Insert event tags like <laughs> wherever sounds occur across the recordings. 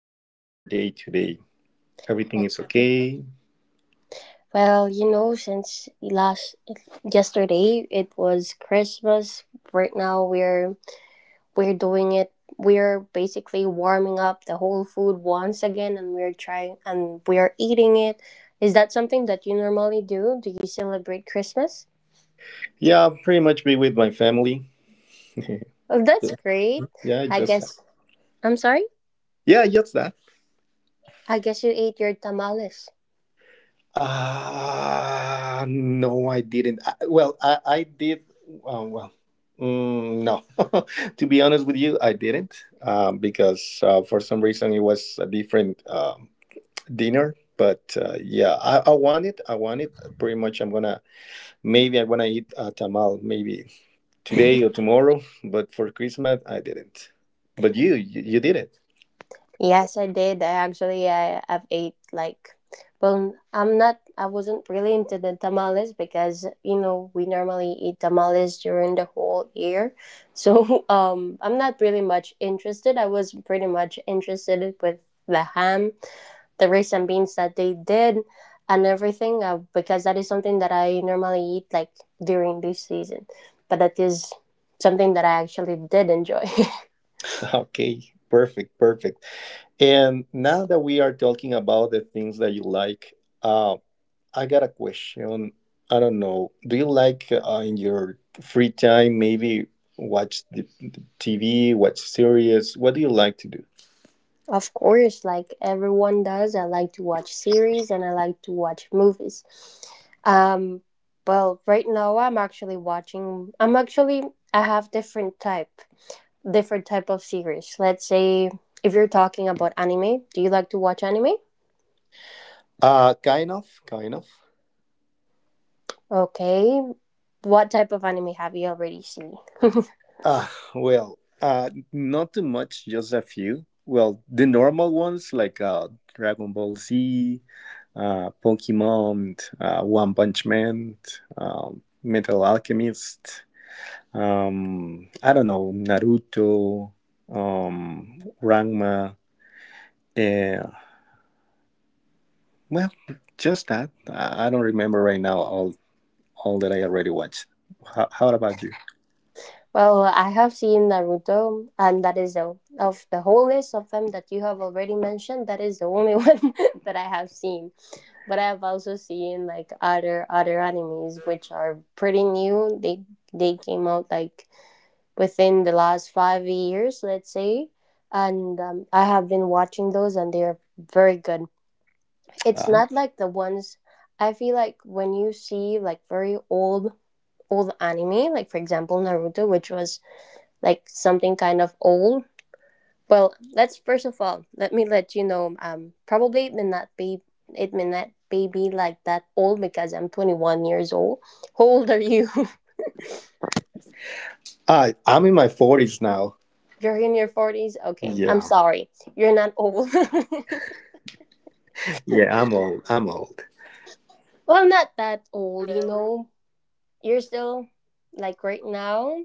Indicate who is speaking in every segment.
Speaker 1: how be going your day today? Everything is
Speaker 2: That's good.
Speaker 1: okay?
Speaker 2: Since last yesterday it was Christmas. Right now we're doing it. We're basically warming up the whole food once again, and we're trying and we're eating it. Is that something that you normally do? Do you celebrate Christmas?
Speaker 1: Yeah, pretty much be with my family. <laughs> Yeah,
Speaker 2: Oh, that's great. I
Speaker 1: just that.
Speaker 2: guess I'm sorry.
Speaker 1: Yeah, just that.
Speaker 2: I guess you ate your tamales.
Speaker 1: No, I didn't. I did. Uh, well, no. <laughs> To be honest with you, I didn't because for some reason it was a different dinner. But yeah, I want it. I want it pretty much. I'm gonna Maybe I'm gonna eat tamal maybe today or tomorrow. But for Christmas, I didn't. But you did it.
Speaker 2: Yes, I did. I have ate like well I'm not I wasn't really into the tamales because we normally eat tamales during the whole year. So <laughs> I'm not really much interested. I was pretty much interested with the ham, the rice and beans that they did and everything because that is something that I normally eat like during this season. But that is something that I actually did enjoy. <laughs>
Speaker 1: <laughs> Okay, perfect, perfect. And now that we are talking about the things that you like, uh, I got a question. I don't know. Do you like in your free time maybe watch the TV, watch series? What do you like to do?
Speaker 2: Of course, like everyone does, I like to watch series and I like to watch movies. Um, well, right now I'm actually watching. I'm actually I have different type of series. Let's say if you're talking about anime, do you like to watch anime?
Speaker 1: Kind of, kind of.
Speaker 2: Okay, what type of anime have you already seen? <laughs>
Speaker 1: Uh, Not too much, just a few. Well, the normal ones like Dragon Ball Z, Pokemon, One Punch Man, Metal Alchemist, I don't know, Naruto, Ranma, eh, well, just that. I don't remember right now all that I already watched. How about you?
Speaker 2: Well, I have seen Naruto, and that is the of the whole list of them that you have already mentioned. That is the only <laughs> one that I have seen. But I've also seen like other animes which are pretty new. They came out like within the last 5 years, let's say, and I have been watching those and they're very good. It's
Speaker 1: Uh,
Speaker 2: not like the ones I feel like when you see like very old anime, like for example Naruto, which was like something kind of old. Let's first of all, let me let you know. Probably it may not be it may not be like that old because I'm 21 years old. How old are you? <laughs>
Speaker 1: I'm in my forties now.
Speaker 2: You're in your forties. Okay, I'm
Speaker 1: Yeah,
Speaker 2: sorry. You're not old. <laughs>
Speaker 1: yeah, I'm old. I'm old.
Speaker 2: Well, not that old. You know, you're still like right now.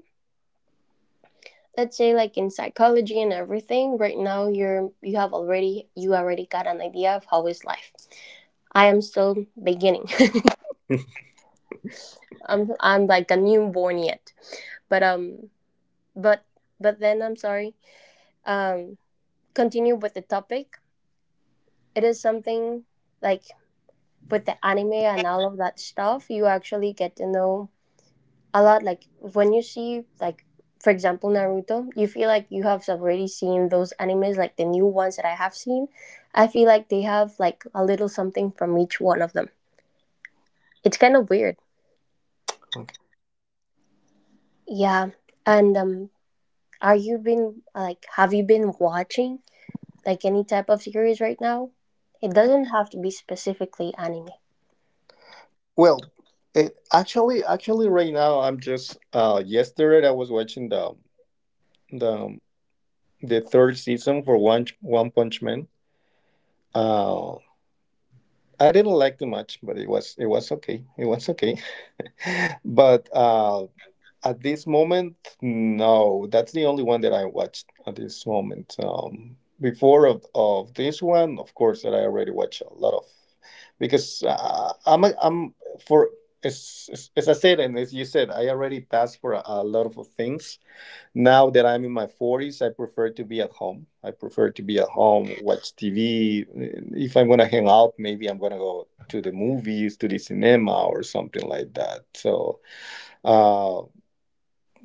Speaker 2: Let's say like in psychology and everything. Right now, you have already you already got an idea of how is life. I am still beginning.
Speaker 1: <laughs>
Speaker 2: <laughs> I'm like a newborn yet. But um but but then I'm sorry, um continue with the topic. It is something like with the anime and all of that stuff. You actually get to know a lot, like when you see like for example Naruto, you feel like you have already seen those animes. Like the new ones that I have seen, I feel like they have like a little something from each one of them. It's kind of weird.
Speaker 1: Okay.
Speaker 2: Yeah. And are you been like have you been watching like any type of series right now? It doesn't have to be specifically anime.
Speaker 1: Well, actually, actually, right now I'm just. Yesterday I was watching the the third season for One Punch Man. Uh, I didn't like too much, but it was okay. It was okay. <laughs> But at this moment, no, that's the only one that I watched at this moment. Before of this one, of course, that I already watched a lot of because I'm for as I said and as you said, I already passed for a lot of things now that I'm in my forties, I prefer to be at home. I prefer to be at home, watch TV. If I'm going to hang out, maybe I'm going to go to the movies, to the cinema, or something like that. Uh,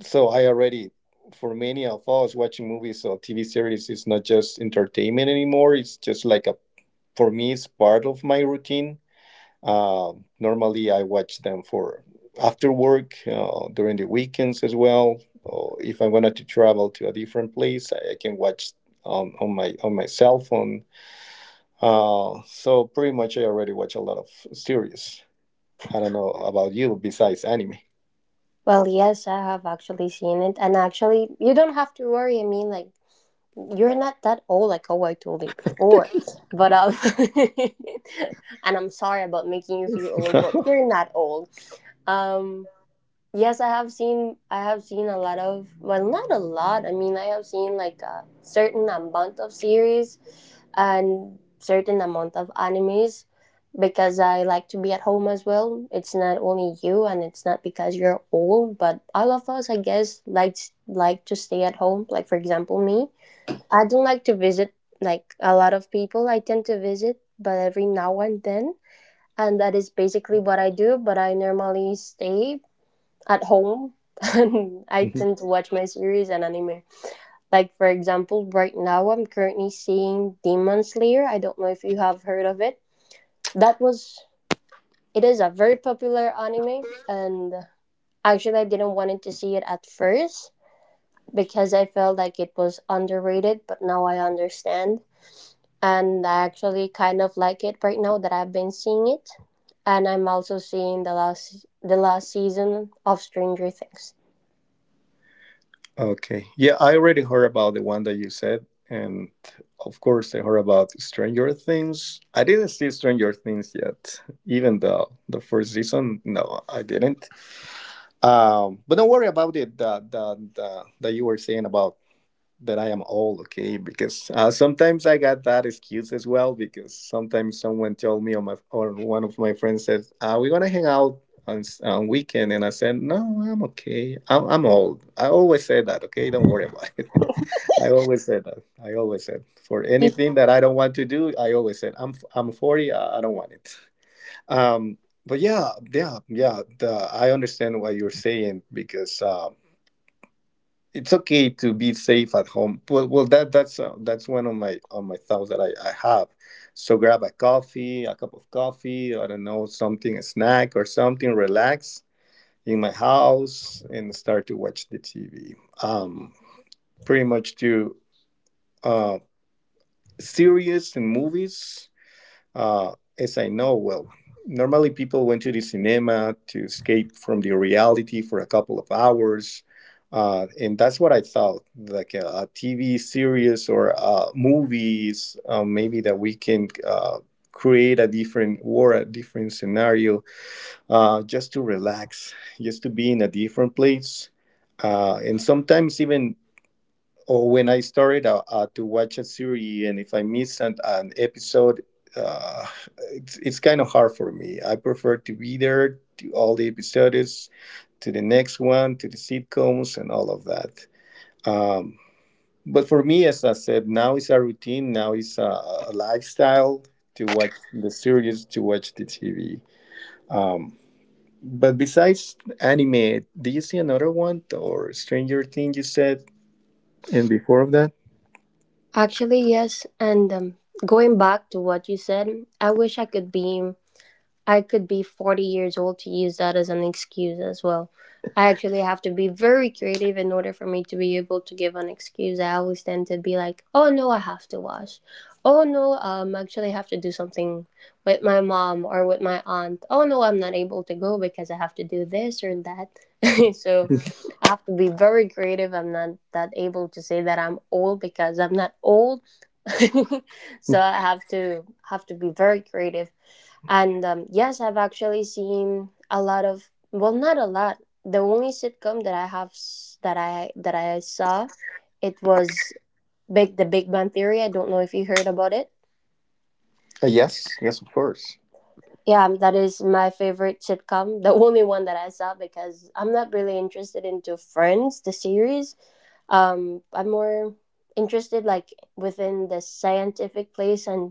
Speaker 1: so I already, for many of us, watching movies or TV series is not just entertainment anymore. It's just like for me, it's part of my routine normally, I watch them for after work, during the weekends as well. Or if I wanted to travel to a different place, I can watch on my cell phone. So pretty much, I already watch a lot of series. I don't know about you, besides anime.
Speaker 2: Well, yes, I have actually seen it, and actually, you don't have to worry. I mean, like, you're not that old, like how I told you before. But <laughs> and I'm sorry about making you feel old, but you're not old. Um, Yes, I have seen a lot of well not a lot. I mean I have seen like a certain amount of series and certain amount of animes because I like to be at home as well. It's not only you and it's not because you're old, but all of us I guess like to stay at home. Like for example me. I don't like to visit like a lot of people. I tend to visit, but every now and then, and that is basically what I do. But I normally stay at home and <laughs> I tend to
Speaker 1: <laughs>
Speaker 2: watch my series and anime. Like for example, right now I'm currently seeing Demon Slayer. I don't know if you have heard of it. That was It is a very popular anime, and actually I didn't wanted to see it at first because I felt like it was underrated, but now I understand and I actually kind of like it right now that I've been seeing it. And I'm also seeing the last season of Stranger Things.
Speaker 1: Okay, yeah, I already heard about the one that you said, and of course, I heard about Stranger Things. I didn't see Stranger Things yet, even though the first season, no, I didn't. But don't worry about it that that you were saying about that I am old, okay? Because sometimes I got that excuse as well. Because sometimes someone told me or my or one of my friends says, "We're gonna hang out on on weekend," and I said, "No, I'm okay. I'm old. I always say that, okay? Don't worry about it. <laughs> I always said that. I always said for
Speaker 2: You
Speaker 1: anything that I don't want to do, I always said I'm 40. I don't want it. Um, but yeah, yeah, yeah. I understand what you're saying because it's okay to be safe at home. That's that's one of my on my thoughts that I have. So grab a coffee, a cup of coffee, I don't know, something, a snack or something, relax in my house and start to watch the TV. Um, pretty much to uh, series and movies. Uh, as I know, well, normally people went to the cinema to escape from the reality for a couple of hours. And that's what I thought, like a, TV series or movies, maybe that we can create a different war, a different scenario, just to relax, just to be in a different place. And sometimes even or when I started to watch a series, and if I miss an episode, uh, it's kind of hard for me. I prefer to be there to all the episodes, to the next one, to the sitcoms, and all of that. Um, but for me, as I said, now it's a routine. Now it's a lifestyle to watch the series, to watch the TV. Um, but besides anime, do you see another one or Stranger Things? You said, and before of that.
Speaker 2: Actually, yes. And going back to what you said, I wish I could be 40 years old to use that as an excuse as well. I actually have to be very creative in order for me to be able to give an excuse. I always tend to be like, oh no, I have to wash. Oh no, I actually have to do something with my mom or with my aunt. Oh no, I'm not able to go because I have to do this or that. <laughs> So I have to be very creative. I'm not that able to say that I'm old because I'm not old. <laughs> So
Speaker 1: <laughs>
Speaker 2: I have to be very creative. And yes, I've actually seen a lot of well, not a lot. The only sitcom that I have that I saw, it was Big The Big Bang Theory. I don't know if you heard about it.
Speaker 1: Yes, yes, of course.
Speaker 2: Yeah, that is my favorite sitcom. The only one that I saw because I'm not really interested into Friends, the series. I'm more interested like within the scientific place, and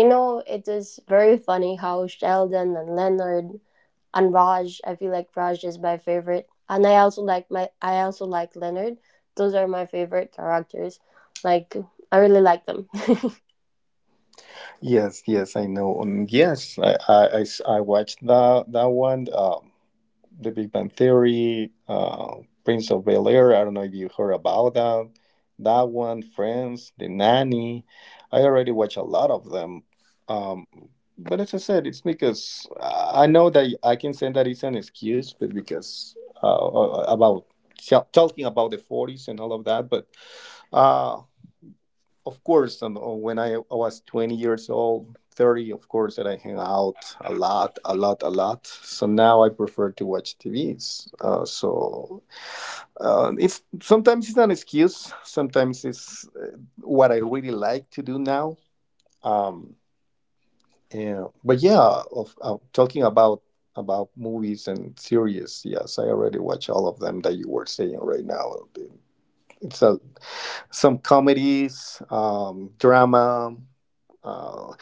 Speaker 2: you know it is very funny how Sheldon and Leonard and Raj, I feel like Raj is my favorite, and I also like my I also like Leonard. Those are my favorite characters. Like I really like them.
Speaker 1: Yes, yes, I know. Yes, I watched that one. The Big Bang Theory, Prince of Bel Air. I don't know if you heard about that. That one, Friends, The Nanny. I already watched a lot of them. Um, but as I said, it's because I know that I can say that it's an excuse, but because about talking about the forties and all of that, but. Uh, of course, and I was 20 years old, 30, of course, that I hang out a lot, a lot, a lot. So now I prefer to watch TVs. It's sometimes it's an excuse. Sometimes it's what I really like to do now. Um, yeah, of talking about movies and series. Yes, I already watch all of them that you were saying right now. It's a some comedies, drama. Uh,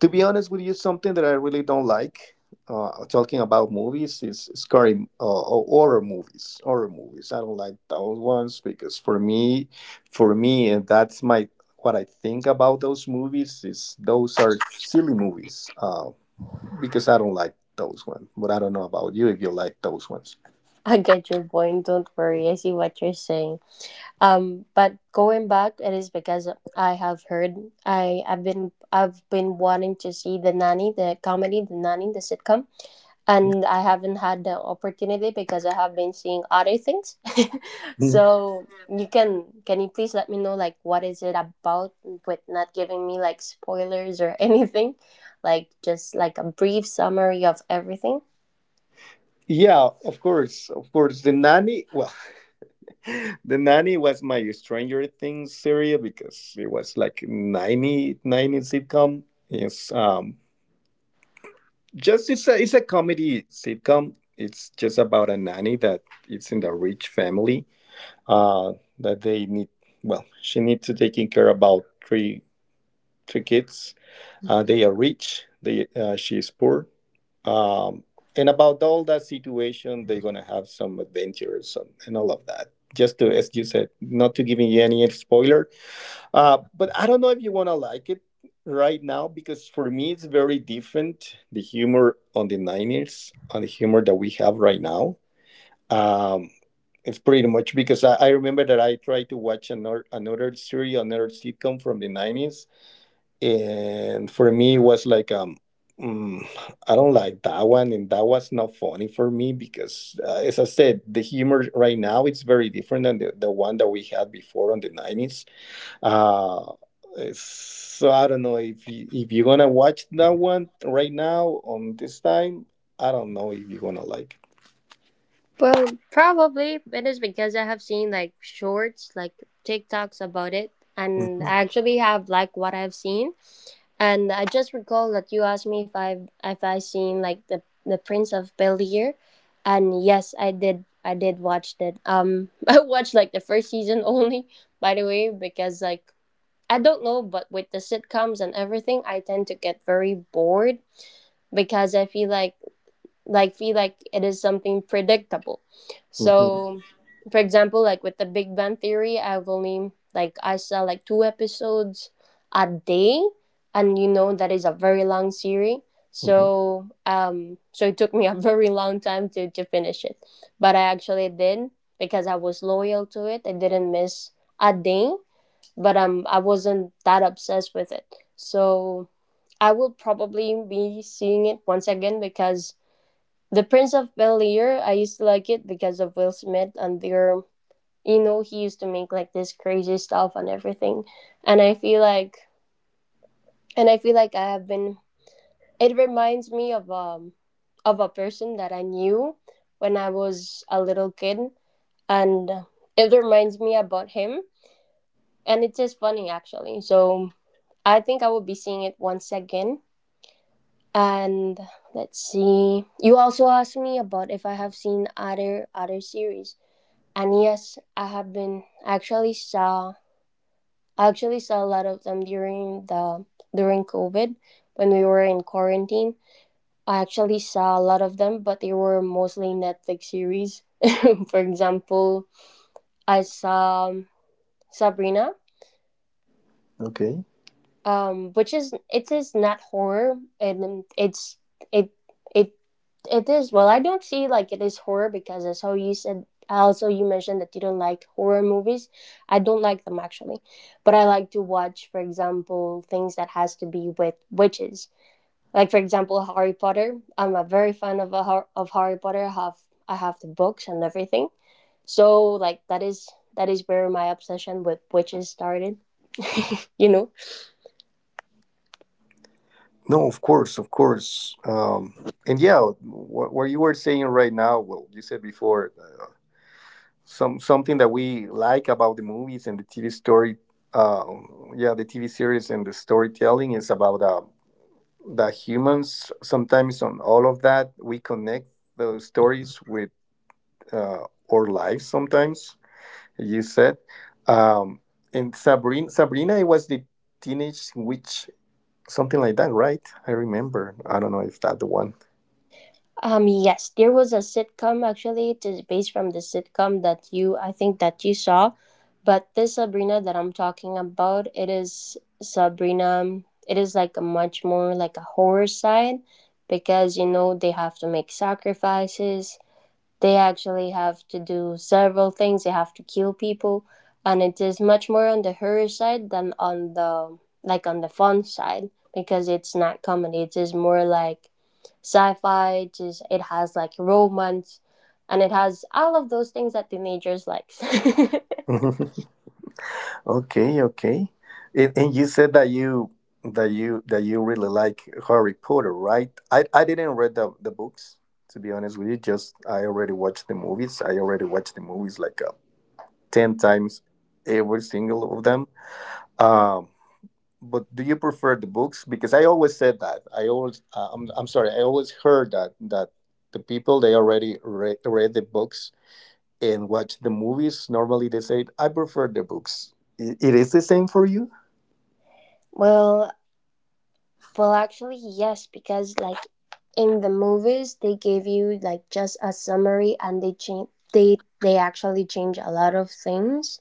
Speaker 1: to be honest with you, something that I really don't like talking about movies is scary or horror movies. Horror movies. I don't like those ones because for me, and that's my what I think about those movies is those are silly movies because I don't like those ones. But I don't know about you if you like those ones.
Speaker 2: <laughs> I get your point, don't worry. I see what you're saying. But going back, it is because I have heard I have been I've been wanting to see The Nanny, the comedy, The Nanny, the sitcom, and I haven't had the opportunity because I have been seeing other things. <laughs> So
Speaker 1: Mhm.
Speaker 2: you can you please let me know like what is it about, with not giving me like spoilers or <laughs> anything, like just like a brief summary of everything.
Speaker 1: Yeah, of course, of course. The nanny. Well. <laughs> <laughs> The nanny was my stranger things series because it was like 90 nineties sitcom, it's just it's it's a comedy sitcom, it's just about a nanny that it's in the rich family uh that they need, well, she needs to taking care about three kids. They are rich, they she is poor, um and about all that situation they're gonna have some adventures and all of that just to, as you said, not to giving you any spoilers. But I don't know if you want to like it right now because for me it's very different the humor on the nineties on the humor that we have right now. Um, it's pretty much because I remember that I tried to watch another series, another sitcom from the nineties, and for me it was like. Mm, I don't like that one, and that was not funny for me because, as I said, the humor right now it's very different than the one that we had before on the nineties. Uh, so I don't know if if you're gonna watch that one right now on this time. I don't know if you're gonna like.
Speaker 2: Well, probably it is because I have seen like shorts, like TikToks about it, and
Speaker 1: Mhm,
Speaker 2: I actually have like what I've seen. And I just recall that you asked me if I seen like the Prince of Bel Air, and yes, I did. I did watch that. <laughs> I watched like the first season only, by the way, because like I don't know, but with the sitcoms and everything, I tend to get very bored because I feel like feel like it is something predictable.
Speaker 1: mhm,
Speaker 2: So, for example, like with the Big Bang Theory, I saw like two episodes a day, and you know that is a very long series.
Speaker 1: mhm.
Speaker 2: So, so it took me a <laughs> very long time to finish it, but I actually did because I was loyal to it. I didn't miss a day, but I wasn't that obsessed with it. So I will probably be seeing it once again because the Prince of Bel Air, I used to like it because of Will Smith and their, you know, he used to make like this crazy stuff and everything, and I feel like, and I feel like I have been. It reminds me of a person that I knew when I was a little kid, and it reminds me about him, and it's just funny actually. So I think I will be seeing it once again. And let's see. You also asked me about if I have seen other series. And yes, I have been. I actually saw a lot of them during the during COVID when we were in quarantine. I actually saw a lot of them, but they were mostly Netflix series. <laughs> For example, I saw Sabrina,
Speaker 1: Okay.
Speaker 2: which is it is not horror, and it's it it it is. Well, I don't see like it is horror because as how you said, also you mentioned that you don't like horror movies. I don't like them actually, but I like to watch, for example, things that has to be with witches. Like for example, Harry Potter. I'm a very fan of of Harry Potter. I have the books and everything. So that is where my obsession with witches started. You know.
Speaker 1: No, of course, of course. And yeah, what you were saying right now, well, you said before, some something that we like about the movies and the TV story, uh, yeah, the TV series and the storytelling is about the humans. Sometimes on all of that, we connect those stories with uh, our lives sometimes, you said. Um, and Sabrina, Sabrina was the teenage witch, something like that, right? I remember. I don't know if that the one.
Speaker 2: Yes, there was a sitcom actually. It is based from the sitcom that you, I think, that you saw. But this Sabrina that I'm talking about, it is Sabrina. It is like a much more like a horror side because you know they have to make sacrifices. They actually have to do several things. They have to kill people, and it is much more on the horror side than on the like on the fun side because it's not comedy. It is more like sci-fi. Just it has like romance and it has all of those things that teenagers likes. <laughs>
Speaker 1: <laughs> Okay, okay. And you said that you that you that you really like Harry Potter, right? I didn't read the books to be honest with you. Just I already watched the movies. I already watched the movies like 10 times every single of them. Um but do you prefer the books? Because I always said that. I always I'm sorry. I always heard that the people they already read the books and watch the movies normally they say I prefer the books. I it is the same for you?
Speaker 2: well actually yes, because like in the movies they gave you like just a summary and they change, they actually change a lot of things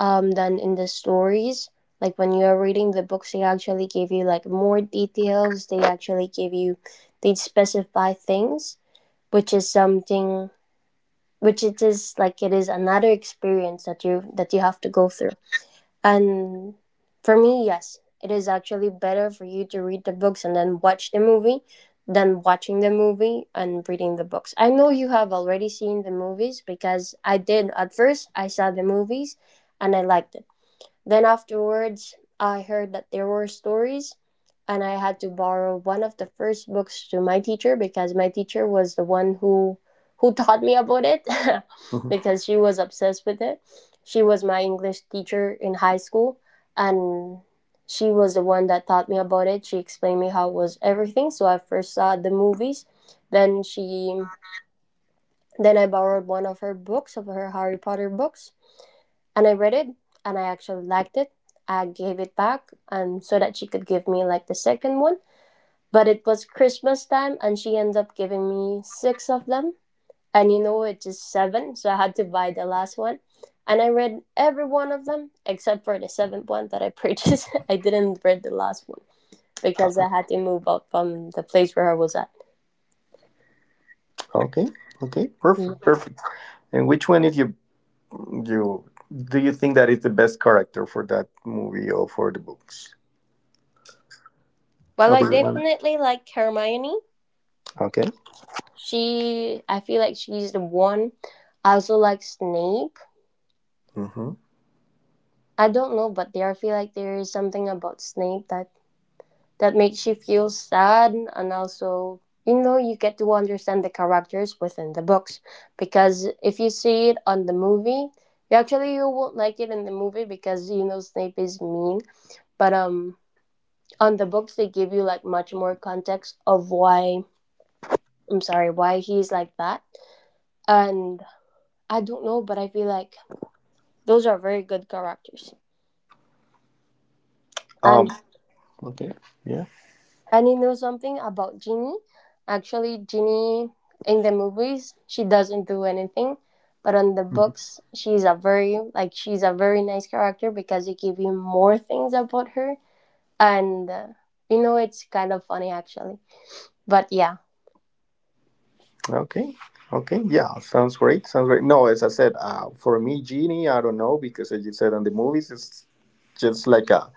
Speaker 2: than in the stories. Like when you are reading the books they actually give you like more details, they actually give you, they specify things, which is something which it is like it is another experience that you have to go through. And for me, yes, it is actually better for you to read the books and then watch the movie than watching the movie and reading the books. I know you have already seen the movies, because I did. At first I saw the movies and I liked it. Then afterwards, I heard that there were stories, and I had to borrow one of the first books to my teacher, because my teacher was the one who taught me about it. <laughs>
Speaker 1: Mhm.
Speaker 2: Because she was obsessed with it. She was my English teacher in high school, and she was the one that taught me about it. She explained me how it was everything. So I first saw the movies, then she then I borrowed one of her books, of her Harry Potter books, and I read it and I actually liked it. I gave it back so that she could give me like the second one. But it was Christmas time and she ended up giving me six of them. And you know it is seven, so I had to buy the last one. And I read every one of them except for the seventh one that I purchased. <laughs> I didn't read the last one because I had to move out from the place where I was at.
Speaker 1: Okay. Okay.
Speaker 2: Yeah.
Speaker 1: Perfect. Perfect. And which one is you you do you think that is the best character for that movie or for the books?
Speaker 2: Well,
Speaker 1: Or
Speaker 2: I
Speaker 1: do you want?
Speaker 2: definitely like Hermione.
Speaker 1: Okay.
Speaker 2: She, I feel like she's the one. I also like Snape.
Speaker 1: Mm-hmm.
Speaker 2: I don't know, but there, I feel like there is something about Snape that makes you feel sad. And also, you know, you get to understand the characters within the books, because if you see it on the movie, you actually, you won't like it in the movie, because you know Snape is mean, but on the books they give you like much more context of why, I'm sorry, why he's like that. And I don't know, but I feel like those are very good characters.
Speaker 1: Um.
Speaker 2: And
Speaker 1: Okay. Yeah.
Speaker 2: And you know something about Ginny? Actually, Ginny in the movies, she doesn't do anything, but on the
Speaker 1: Mhm.
Speaker 2: books, she's a very like she's a very nice character, because they give you more things about her, and you know it's kind of funny actually. But yeah,
Speaker 1: Okay. Okay. Yeah. Sounds great. Sounds great. No, as I said, for me, Genie, I don't know because as you said on the movies, it's just like a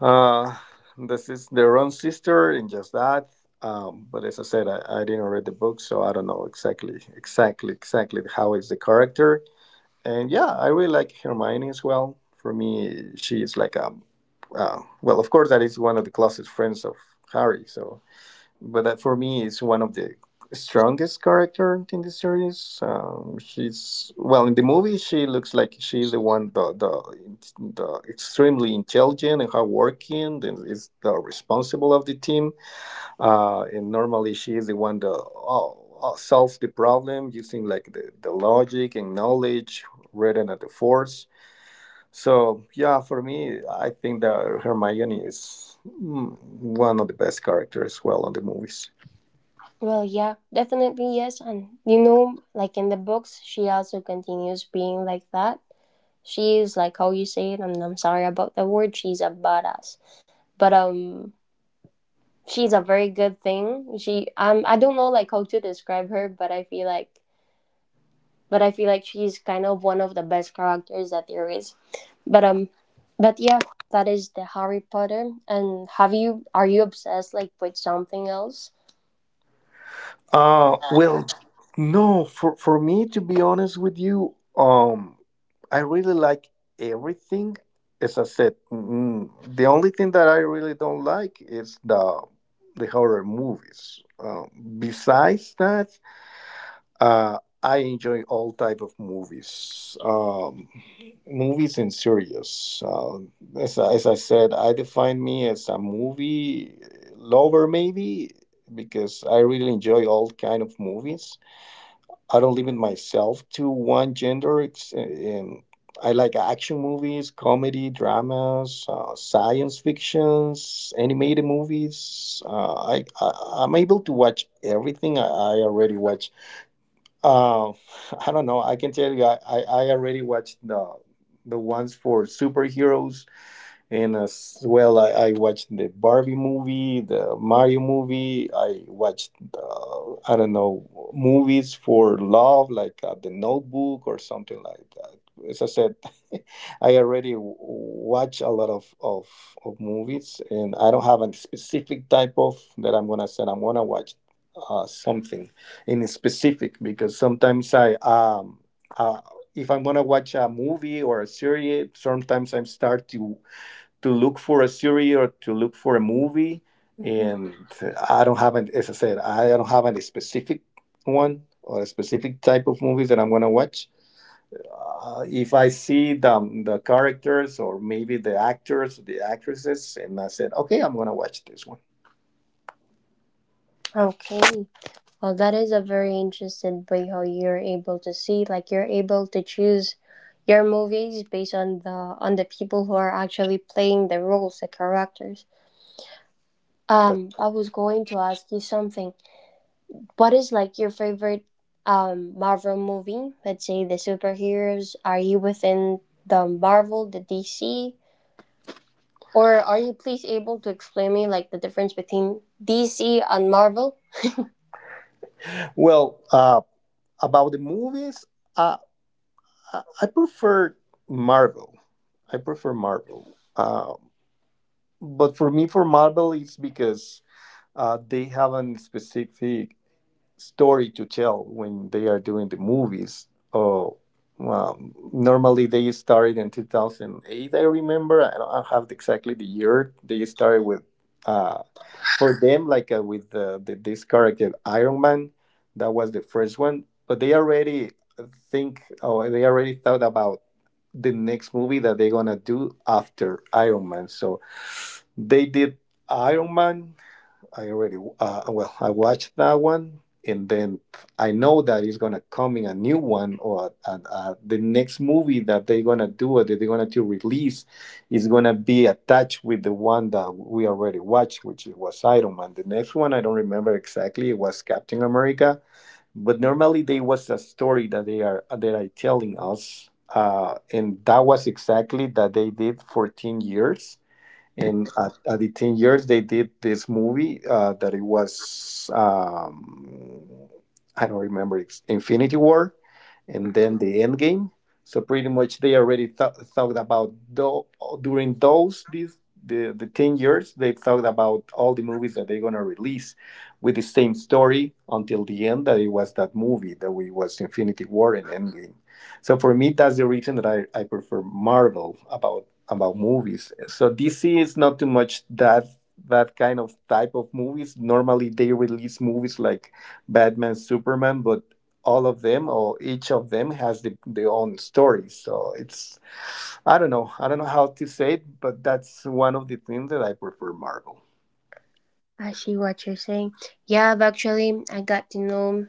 Speaker 1: Uh, this is their own sister in just that. But as I said, I didn't read the book, so I don't know exactly how is the character. And yeah, I really like Hermione as well. For me, she is like well, of course, that is one of the closest friends of Harry. So but that for me is one of the strongest character in the series. She's well in the movie. She looks like she's the one the extremely intelligent and hardworking and is the responsible of the team. And normally she is the one that oh, solves the problem using like the logic and knowledge rather than the force. So yeah, for me, I think that Hermione is one of the best characters. Well, on the movies.
Speaker 2: well, yeah, definitely yes, and you know, like in the books, she also continues being like that. She is like, how you say it, and I'm sorry about the word, she's a badass, but she's a very good thing. She I don't know like how to describe her, but I feel like she's kind of one of the best characters that there is. But um but yeah, that is the Harry Potter. And have you are you obsessed like with something else?
Speaker 1: Well, no, for me to be honest with you, I really like everything. As I said, the only thing that I really don't like is the horror movies. Besides that, I enjoy all type of movies, movies and series. As I said, I define me as a movie lover, maybe because I really enjoy all kind of movies. I don't limit myself to one gender. And I like action movies, comedy, dramas, science fictions, animated movies. I'm able to watch everything. I already watch <laughs> I don't know. I can tell you, I already watched the ones for superheroes, and as well I watched the Barbie movie, the Mario movie. I watched I don't know, movies for love like The Notebook or something like that. As I said, <laughs> I already watch a lot of movies, and I don't have a specific type of that I'm gonna say I'm gonna watch something in specific, because sometimes I uh, if I'm gonna watch a movie or a series, sometimes I start to look for a series or to look for a movie.
Speaker 2: Hmm.
Speaker 1: And I don't have, as I said, I don't have any specific one or a specific type of movies that I'm going to watch. If I see the characters or maybe the actors, the actresses, and I said, okay, I'm going to watch this one.
Speaker 2: Okay. Well, that is a very interesting way how you're able to see, like you're able to choose your movies based on the people who are actually playing the roles, the characters.
Speaker 1: That-
Speaker 2: I was going to ask you something. What is like your favorite Marvel movie? Let's say the superheroes. Are you within the Marvel, the DC, or are you please able to explain me like the difference between DC and Marvel?
Speaker 1: well, about the movies, uh, I prefer Marvel. I prefer Marvel. But for me, for Marvel, it's because they have a specific story to tell when they are doing the movies. Oh, normally they started in 2008, I remember. I don't have exactly the year. They started with, uh, for them, like with this character, Iron Man, that was the first one. But they already think, or they already thought about the next movie that they're gonna do after Iron Man. So they did Iron Man. I already well, I watched that one, and then I know that it's gonna come in a new one, or the next movie that they're gonna do or that they're gonna to release is gonna be attached with the one that we already watched, which was Iron Man. The next one I don't remember exactly. It was Captain America, but normally there was a story that they are that are telling us. And that was exactly that they did 14 years, and at the 10 years, they did this movie that it was, I don't remember, it's Infinity War, and then the end game. So pretty much they already thought about tho- during those these the 10 years, they thought about all the movies that they're going to release with the same story until the end, that it was that movie that we was Infinity War and endgame. So for me, that's the reason that I prefer Marvel about movies. So DC is not too much that kind of type of movies. Normally they release movies like Batman, Superman, but all of them, or each of them, has their own story. So it's I don't know how to say it, but that's one of the things that I prefer Marvel.
Speaker 2: I see what you're saying. Yeah, I got to know,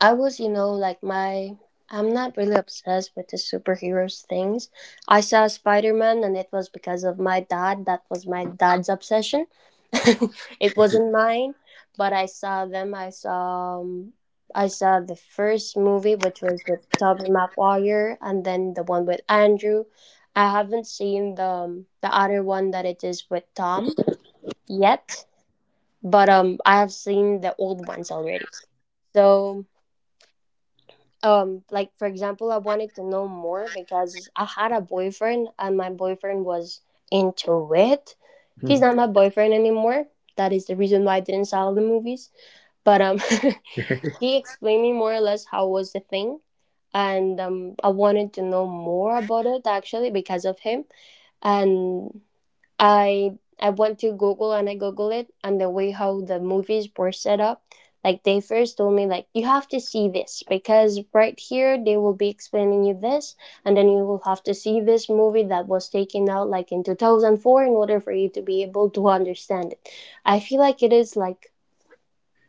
Speaker 2: I was, you know, like my, I'm not really obsessed with the superheroes things. I saw Spider Man, and it was because of my dad. That was my dad's obsession. <laughs> It wasn't mine, but I saw them. I saw the first movie, which was with Tobey Maguire, and then the one with Andrew. I haven't seen the other one that it is with Tom yet, but I have seen the old ones already. So like for example I wanted to know more because I had a boyfriend and my boyfriend was into it. He's not my boyfriend anymore, that is the reason why I didn't sell the movies, but <laughs> he explained me more or less how was the thing, and I wanted to know more about it actually because of him. And I went to Google and I googled it, and the way how the movies were set up, like they first told me like you have to see this because right here they will be explaining you this, and then you will have to see this movie that was taken out like in 2004 in order for you to be able to understand it. I feel like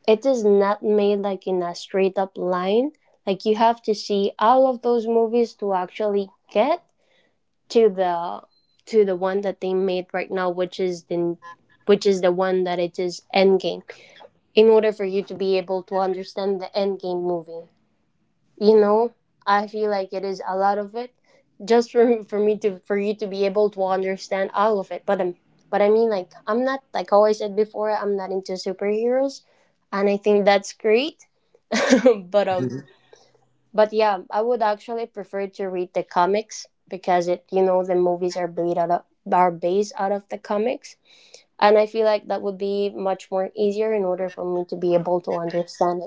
Speaker 2: it is not made like in a straight up line. Like you have to see all of those movies to actually get to the one that they made right now, which is the one that it is Endgame, in order for you to be able to understand the Endgame movie. You know, I feel like it is a lot of it, just for me to for you to be able to understand all of it. But I mean, like I'm not like how I said before, I'm not into superheroes, and I think that's great. <laughs> but um,
Speaker 1: <laughs>
Speaker 2: but yeah, I would actually prefer to read the comics, because it, you know, the movies are based out of, are based out of the comics, and I feel like that would be much more easier in order for me to be able to understand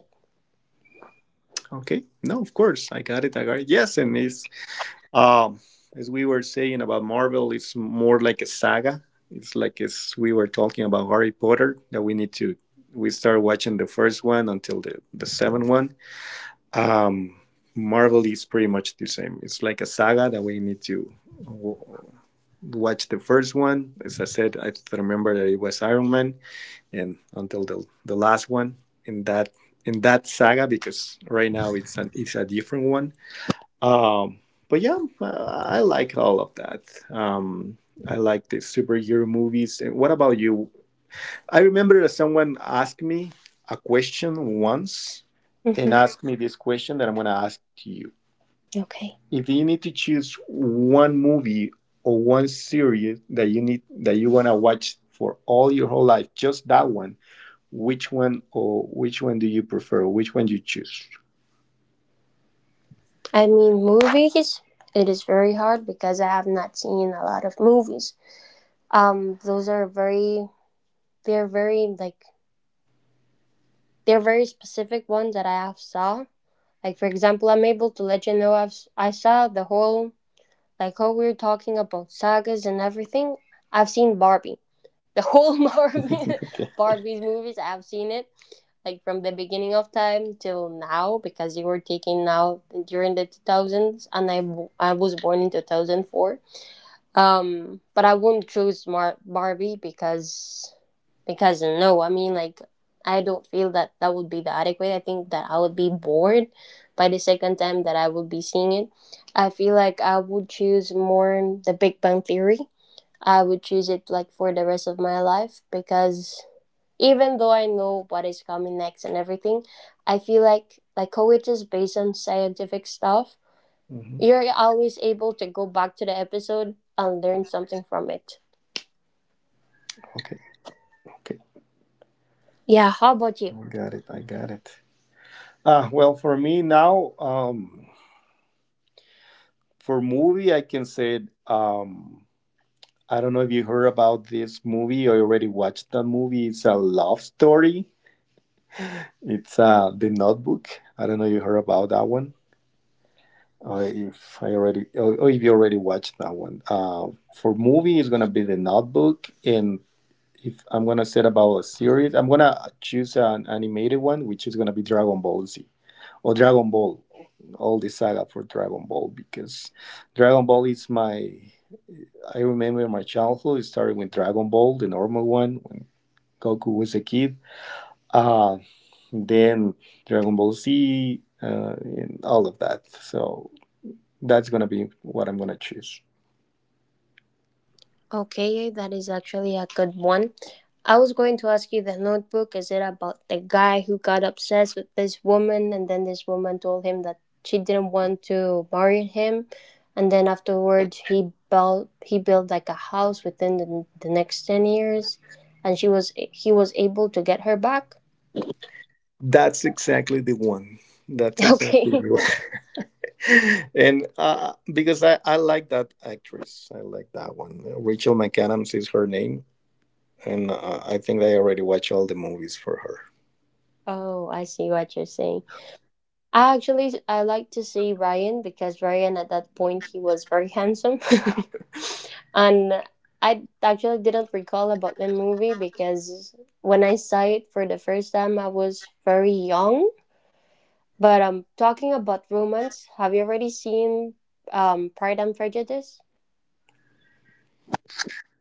Speaker 1: Okay, no, of course, I got it, I got it, yes. And it's um as we were saying about Marvel, it's more like a saga. It's like as we were talking about Harry Potter, that we need to we start watching the first one until the seventh one. Um, Marvel is pretty much the same. It's like a saga that we need to watch the first one. As I said, I remember that it was Iron Man, and until the last one in that saga, because right now it's a different one. Um, but yeah, I like all of that. Um, I like the superhero movies. And what about you? I remember that someone asked me a question once
Speaker 2: it.
Speaker 1: and
Speaker 2: Hmm.
Speaker 1: asked me this question that I'm gonna ask to you:
Speaker 2: Okay.
Speaker 1: if you need to choose one movie or one series that you need that you want to watch for all your whole life, just that one, which one, or which one do you prefer? Which one you choose?
Speaker 2: I mean, movies, it is very hard because I have not seen a lot of movies. Those are very, they're very like they're very specific ones that I have saw. Like for example, I'm able to let you know I saw the whole, like how we were talking about sagas and everything, I've seen Barbie. The whole Barbie,
Speaker 1: Okay.
Speaker 2: <laughs> Barbie's movies, I've seen it. Like from the beginning of time till now, because you were taking now during the 2000s, and I was born in 2004. But I wouldn't choose Barbie, because no, I mean like I don't feel that that would be the adequate. I think that I would be bored by the second time that I would be seeing it. I feel like I would choose more The Big Bang Theory. I would choose it like for the rest of my life because even though I know what is coming next and everything, I feel like how it is based on scientific stuff,
Speaker 1: Hmm.
Speaker 2: you're always able to go back to the episode and learn something from it.
Speaker 1: Okay. Okay.
Speaker 2: Yeah, how about you?
Speaker 1: I got it. I got it. Ah, well, for me now, for movie, I can say, um, I don't know if you heard about this movie or you already watched the movie. It's a love story. It's The Notebook. I don't know if you heard about that one. If I already, or if you already watched that one, for movie it's gonna be The Notebook, and if I'm gonna set about a series, I'm gonna choose an animated one, which is gonna be Dragon Ball Z or Dragon Ball, all the saga for Dragon Ball, because Dragon Ball is my. I remember my childhood. It started with Dragon Ball, the normal one, when Goku was a kid. Uh, then Dragon Ball Z, and all of that. So that's gonna be what I'm gonna choose.
Speaker 2: Okay, that is actually a good one. I was going to ask you the Notebook. Is it about the guy who got obsessed with this woman and then this woman told him that she didn't want to marry him? And then afterwards, he built like a house within the next 10 years, and she was he was able to get her back.
Speaker 1: That's exactly the one. That's
Speaker 2: <laughs> Okay.
Speaker 1: exactly the one. <laughs> And because I like that actress, I like that one. Rachel McAdams is her name, and I think I already watched all the movies for her.
Speaker 2: Oh, I see what you're saying. I like to see Ryan, because Ryan at that point he was very handsome, <laughs> and I actually didn't recall about the movie because when I saw it for the first time I was very young. But talking about romance, have you already seen Pride and Prejudice?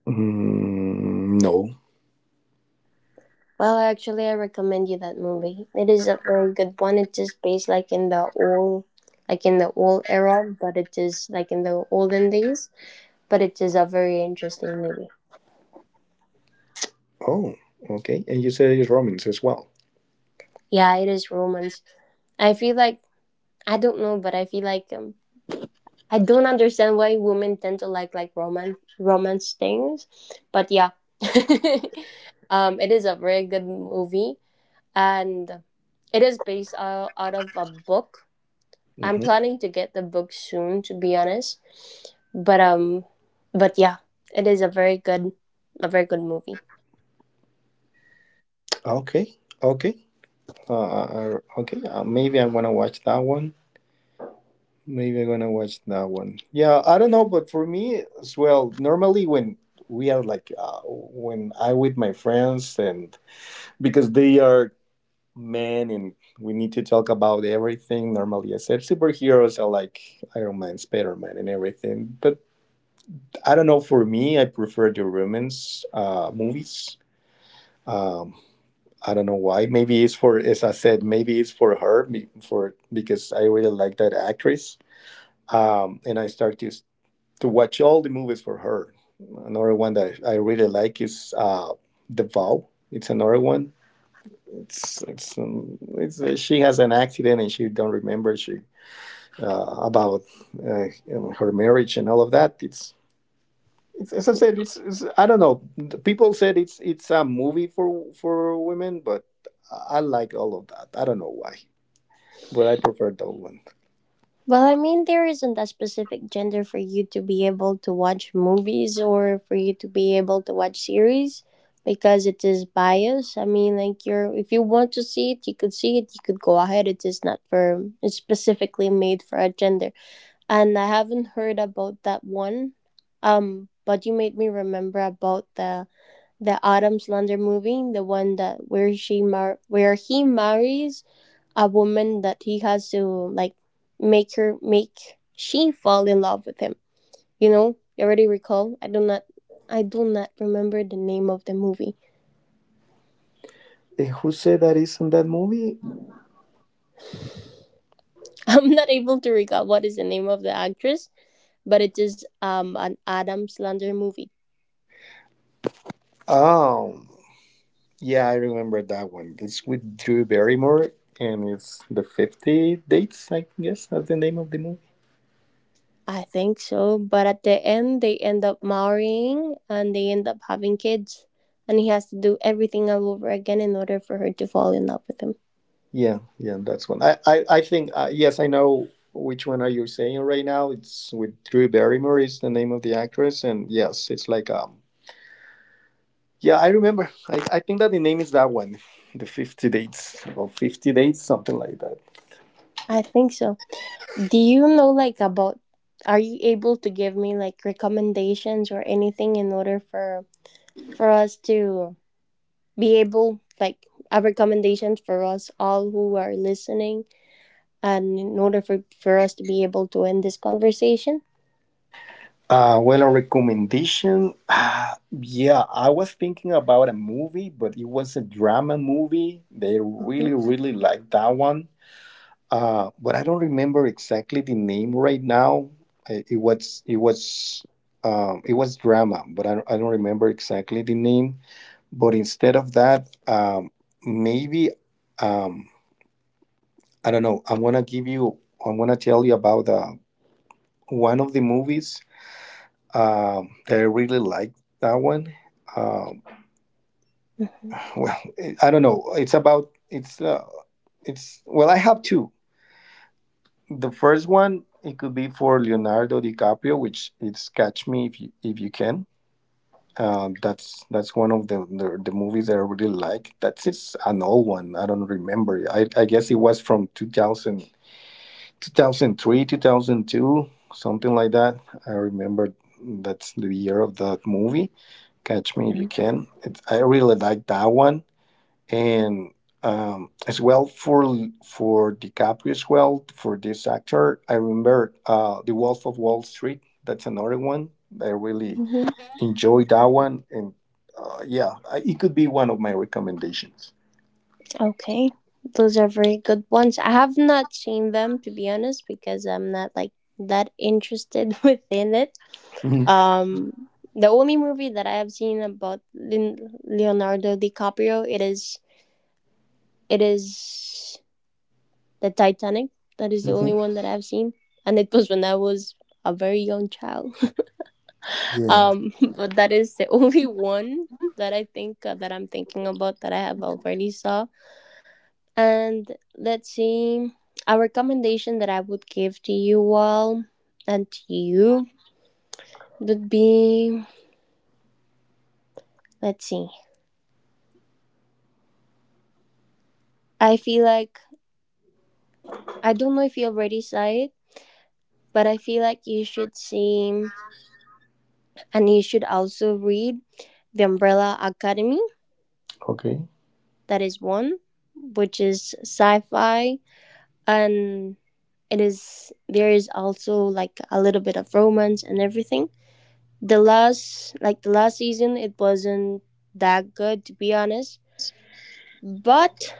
Speaker 1: Mm, no.
Speaker 2: Well, actually, I recommend you that movie. It is a very good one. It is based like in the old, like in the old era, but it is like in the olden days, but it is a very interesting movie.
Speaker 1: Oh, okay. And you said it's romance as well.
Speaker 2: Yeah, it is romance. I feel like, I don't know, but I feel like I don't understand why women tend to like romance things. But yeah, <laughs> it is a very good movie, and it is based out, out of a book. I'm
Speaker 1: Hmm.
Speaker 2: planning to get the book soon, to be honest. But um, but yeah, it is a very good movie.
Speaker 1: Okay, okay. Okay, maybe I want to watch that one. Maybe I'm gonna watch that one. Yeah, I don't know, but for me as well, normally when we are like when I with my friends, and because they are men and we need to talk about everything. Normally, I said superheroes are like Iron Man, Spider Man, and everything. But I don't know. For me, I prefer the romance movies. Um, I don't know why. Maybe it's for, as I said, maybe it's for her, for, because I really like that actress, and I start to watch all the movies for her. Another one that I really like is The Vow. It's another one. It's she has an accident, and she don't remember she about uh, her marriage and all of that. It's as I said. It's I don't know. People said it's a movie for women, but I like all of that. I don't know why, but I prefer that one.
Speaker 2: Well, I mean, there isn't a specific gender for you to be able to watch movies or for you to be able to watch series, because it is biased. I mean, like you're, if you want to see it, you could see it, you could go ahead. It is not for it's specifically made for a gender. And I haven't heard about that one. But you made me remember about the Adam Slander movie, the one that where she where he marries a woman that he has to like make her make she fall in love with him. You know, you already recall. I do not remember the name of the movie.
Speaker 1: Who said that is in that movie?
Speaker 2: <laughs> I'm not able to recall what is the name of the actress, but it is an Adam Sandler movie,
Speaker 1: Um, Yeah, I remember that one. It's with Drew Barrymore, and it's the 50 Dates, I guess. That's the name of the movie.
Speaker 2: I think so. But at the end they end up marrying and they end up having kids, and he has to do everything all over again in order for her to fall in love with him,
Speaker 1: Yeah, yeah, that's one. I think yes, I know which one are you saying right now. It's with Drew Barrymore, is the name of the actress, and yes, it's like yeah, I remember. I think that the name is that one, <laughs> the 50 Dates or 50 Dates, something like that.
Speaker 2: I think so. Do you know like about are you able to give me like recommendations or anything in order for us to be able like a recommendation for us all who are listening and in order for us to be able to end this conversation?
Speaker 1: Well, a recommendation. Yeah, I was thinking about a movie, but it was a drama movie. They really,
Speaker 2: Mhm.
Speaker 1: really liked that one. But I don't remember exactly the name right now. It, it was, it was, it was drama, but I don't remember exactly the name. But instead of that, maybe, um, I don't know. I'm gonna give you. I'm gonna tell you about one of the movies. I really like that one. Um, <laughs> well, I don't know. It's about it's well, I have two. The first one it could be for Leonardo DiCaprio, which it's Catch Me If You Can. That's one of the movies that I really like. That's it's an old one. I don't remember. I guess it was from two thousand two thousand 2002, something like that. I remember that's the year of that movie Catch Me If You Can. I really like that one, and as well for DiCaprio, as well for this actor. I remember The Wolf of Wall Street. That's another one. I really
Speaker 2: Mm-hmm.
Speaker 1: enjoyed that one, and yeah, it could be one of my recommendations.
Speaker 2: Okay. Those are very good ones. I have not seen them, to be honest, because I'm not like that interested <laughs> within it.
Speaker 1: Mhm.
Speaker 2: Um, the only movie that I have seen about Leonardo DiCaprio, it is the Titanic. That is the
Speaker 1: Mhm.
Speaker 2: only one that I have seen, and it was when I was a very young child. <laughs>
Speaker 1: Yeah.
Speaker 2: But that is the only one that I think that I'm thinking about, that I have already saw. And let's see, a recommendation that I would give to you all and to you would be, let's see. I feel like I don't know if you already saw it, but I feel like you should see and you should also read The Umbrella Academy.
Speaker 1: Okay.
Speaker 2: That is one, which is sci-fi, and it is there is also like a little bit of romance and everything. The last season, it wasn't that good, to be honest, but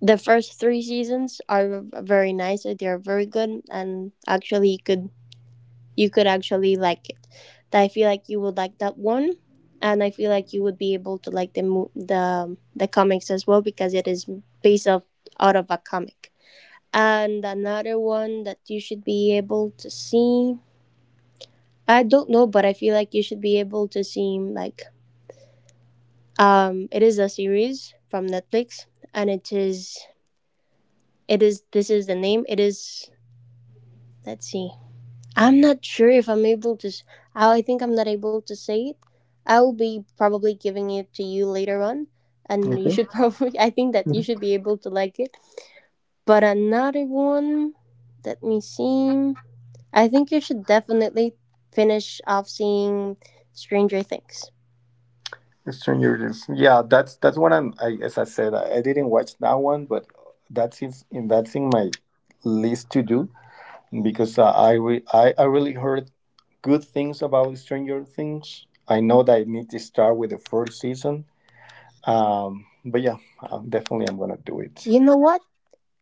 Speaker 2: the first 3 seasons are very nice. They are very good, and actually you could actually like it. That, I feel like you would like that one, and I feel like you would be able to like the the comics as well, because it is based off out of a comic. And another one that you should be able to see, I don't know, but I feel like you should be able to see like, it is a series from Netflix, and it is this is the name. It is, let's see, I'm not sure if I'm able to. I think I'm not able to say it. I will be probably giving it to you later on, and you
Speaker 1: Okay.
Speaker 2: should probably. <laughs> I think that you should
Speaker 1: Mhm.
Speaker 2: be able to like it. But another one, let me see. I think you should definitely finish off seeing Stranger Things.
Speaker 1: Stranger Things. Yeah, that's one. I'm, I as I said, I didn't watch that one, but that's in my list to do, because I, re- I really heard good things about Stranger Things. I know that I need to start with the first season, but yeah, I definitely. I'm gonna do it.
Speaker 2: You know what?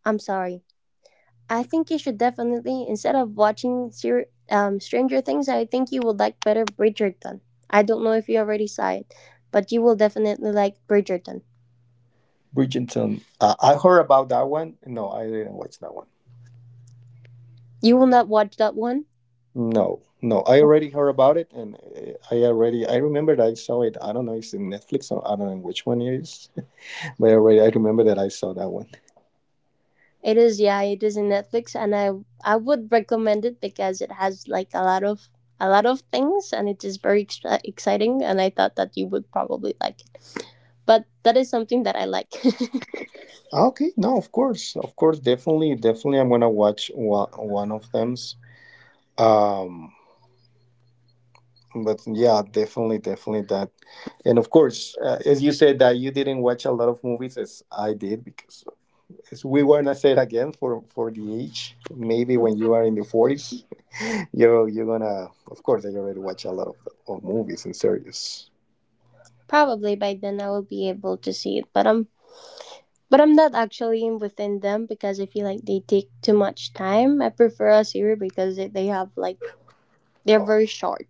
Speaker 2: I'm sorry. I think you should definitely, instead of watching Stranger Things, I think you would like better Bridgerton. I don't know if you already saw it, but you will definitely like Bridgerton.
Speaker 1: Bridgerton, I heard about that one. No, I didn't watch that one.
Speaker 2: You will not watch that one?
Speaker 1: No, no, I already heard about it, and I remember that I saw it. I don't know, it's in Netflix, or I don't know which one it is, <laughs> but I remember that I saw that one.
Speaker 2: It is, yeah, it is in Netflix, and I would recommend it because it has like a lot of things, and it is very exciting. And I thought that you would probably like it. But that is something that I like.
Speaker 1: Ah, okay, no, of course, definitely, definitely, I'm gonna watch one of them. Um, But yeah, definitely, definitely that. And of course, as you said that you didn't watch a lot of movies as I did, because to say it again for the age, maybe when you are in the 40s, <laughs> you're gonna, of course I already watch a lot of movies and series.
Speaker 2: <laughs> Probably by then I will be able to see it, but I'm but I'm not actually within them because I feel like they take too much time. I prefer a series because they have like they're very short.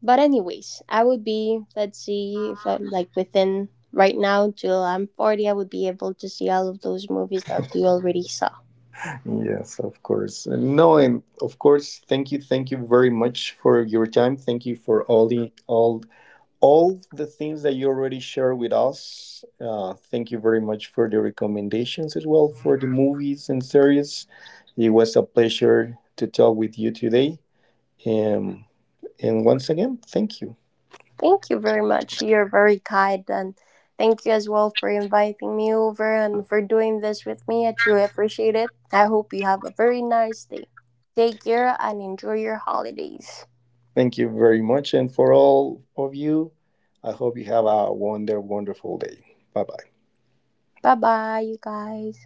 Speaker 2: But anyways, I would be, let's see, if I'm like within right now till I'm 40, I would be able to see all of those movies that you already saw.
Speaker 1: Yes, of course. No, and of course, thank you very much for your time. Thank you for all the things that you already shared with us. Thank you very much for the recommendations as well for the movies and series. It was a pleasure to talk with you today. Um, and once again, thank you.
Speaker 2: Thank you very much. You're very kind, and thank you as well for inviting me over and for doing this with me. I truly appreciate it. I hope you have a very nice day. Take care and enjoy your holidays.
Speaker 1: Thank you very much. And for all of you, I hope you have a wonderful day. Bye bye.
Speaker 2: Bye bye, you guys.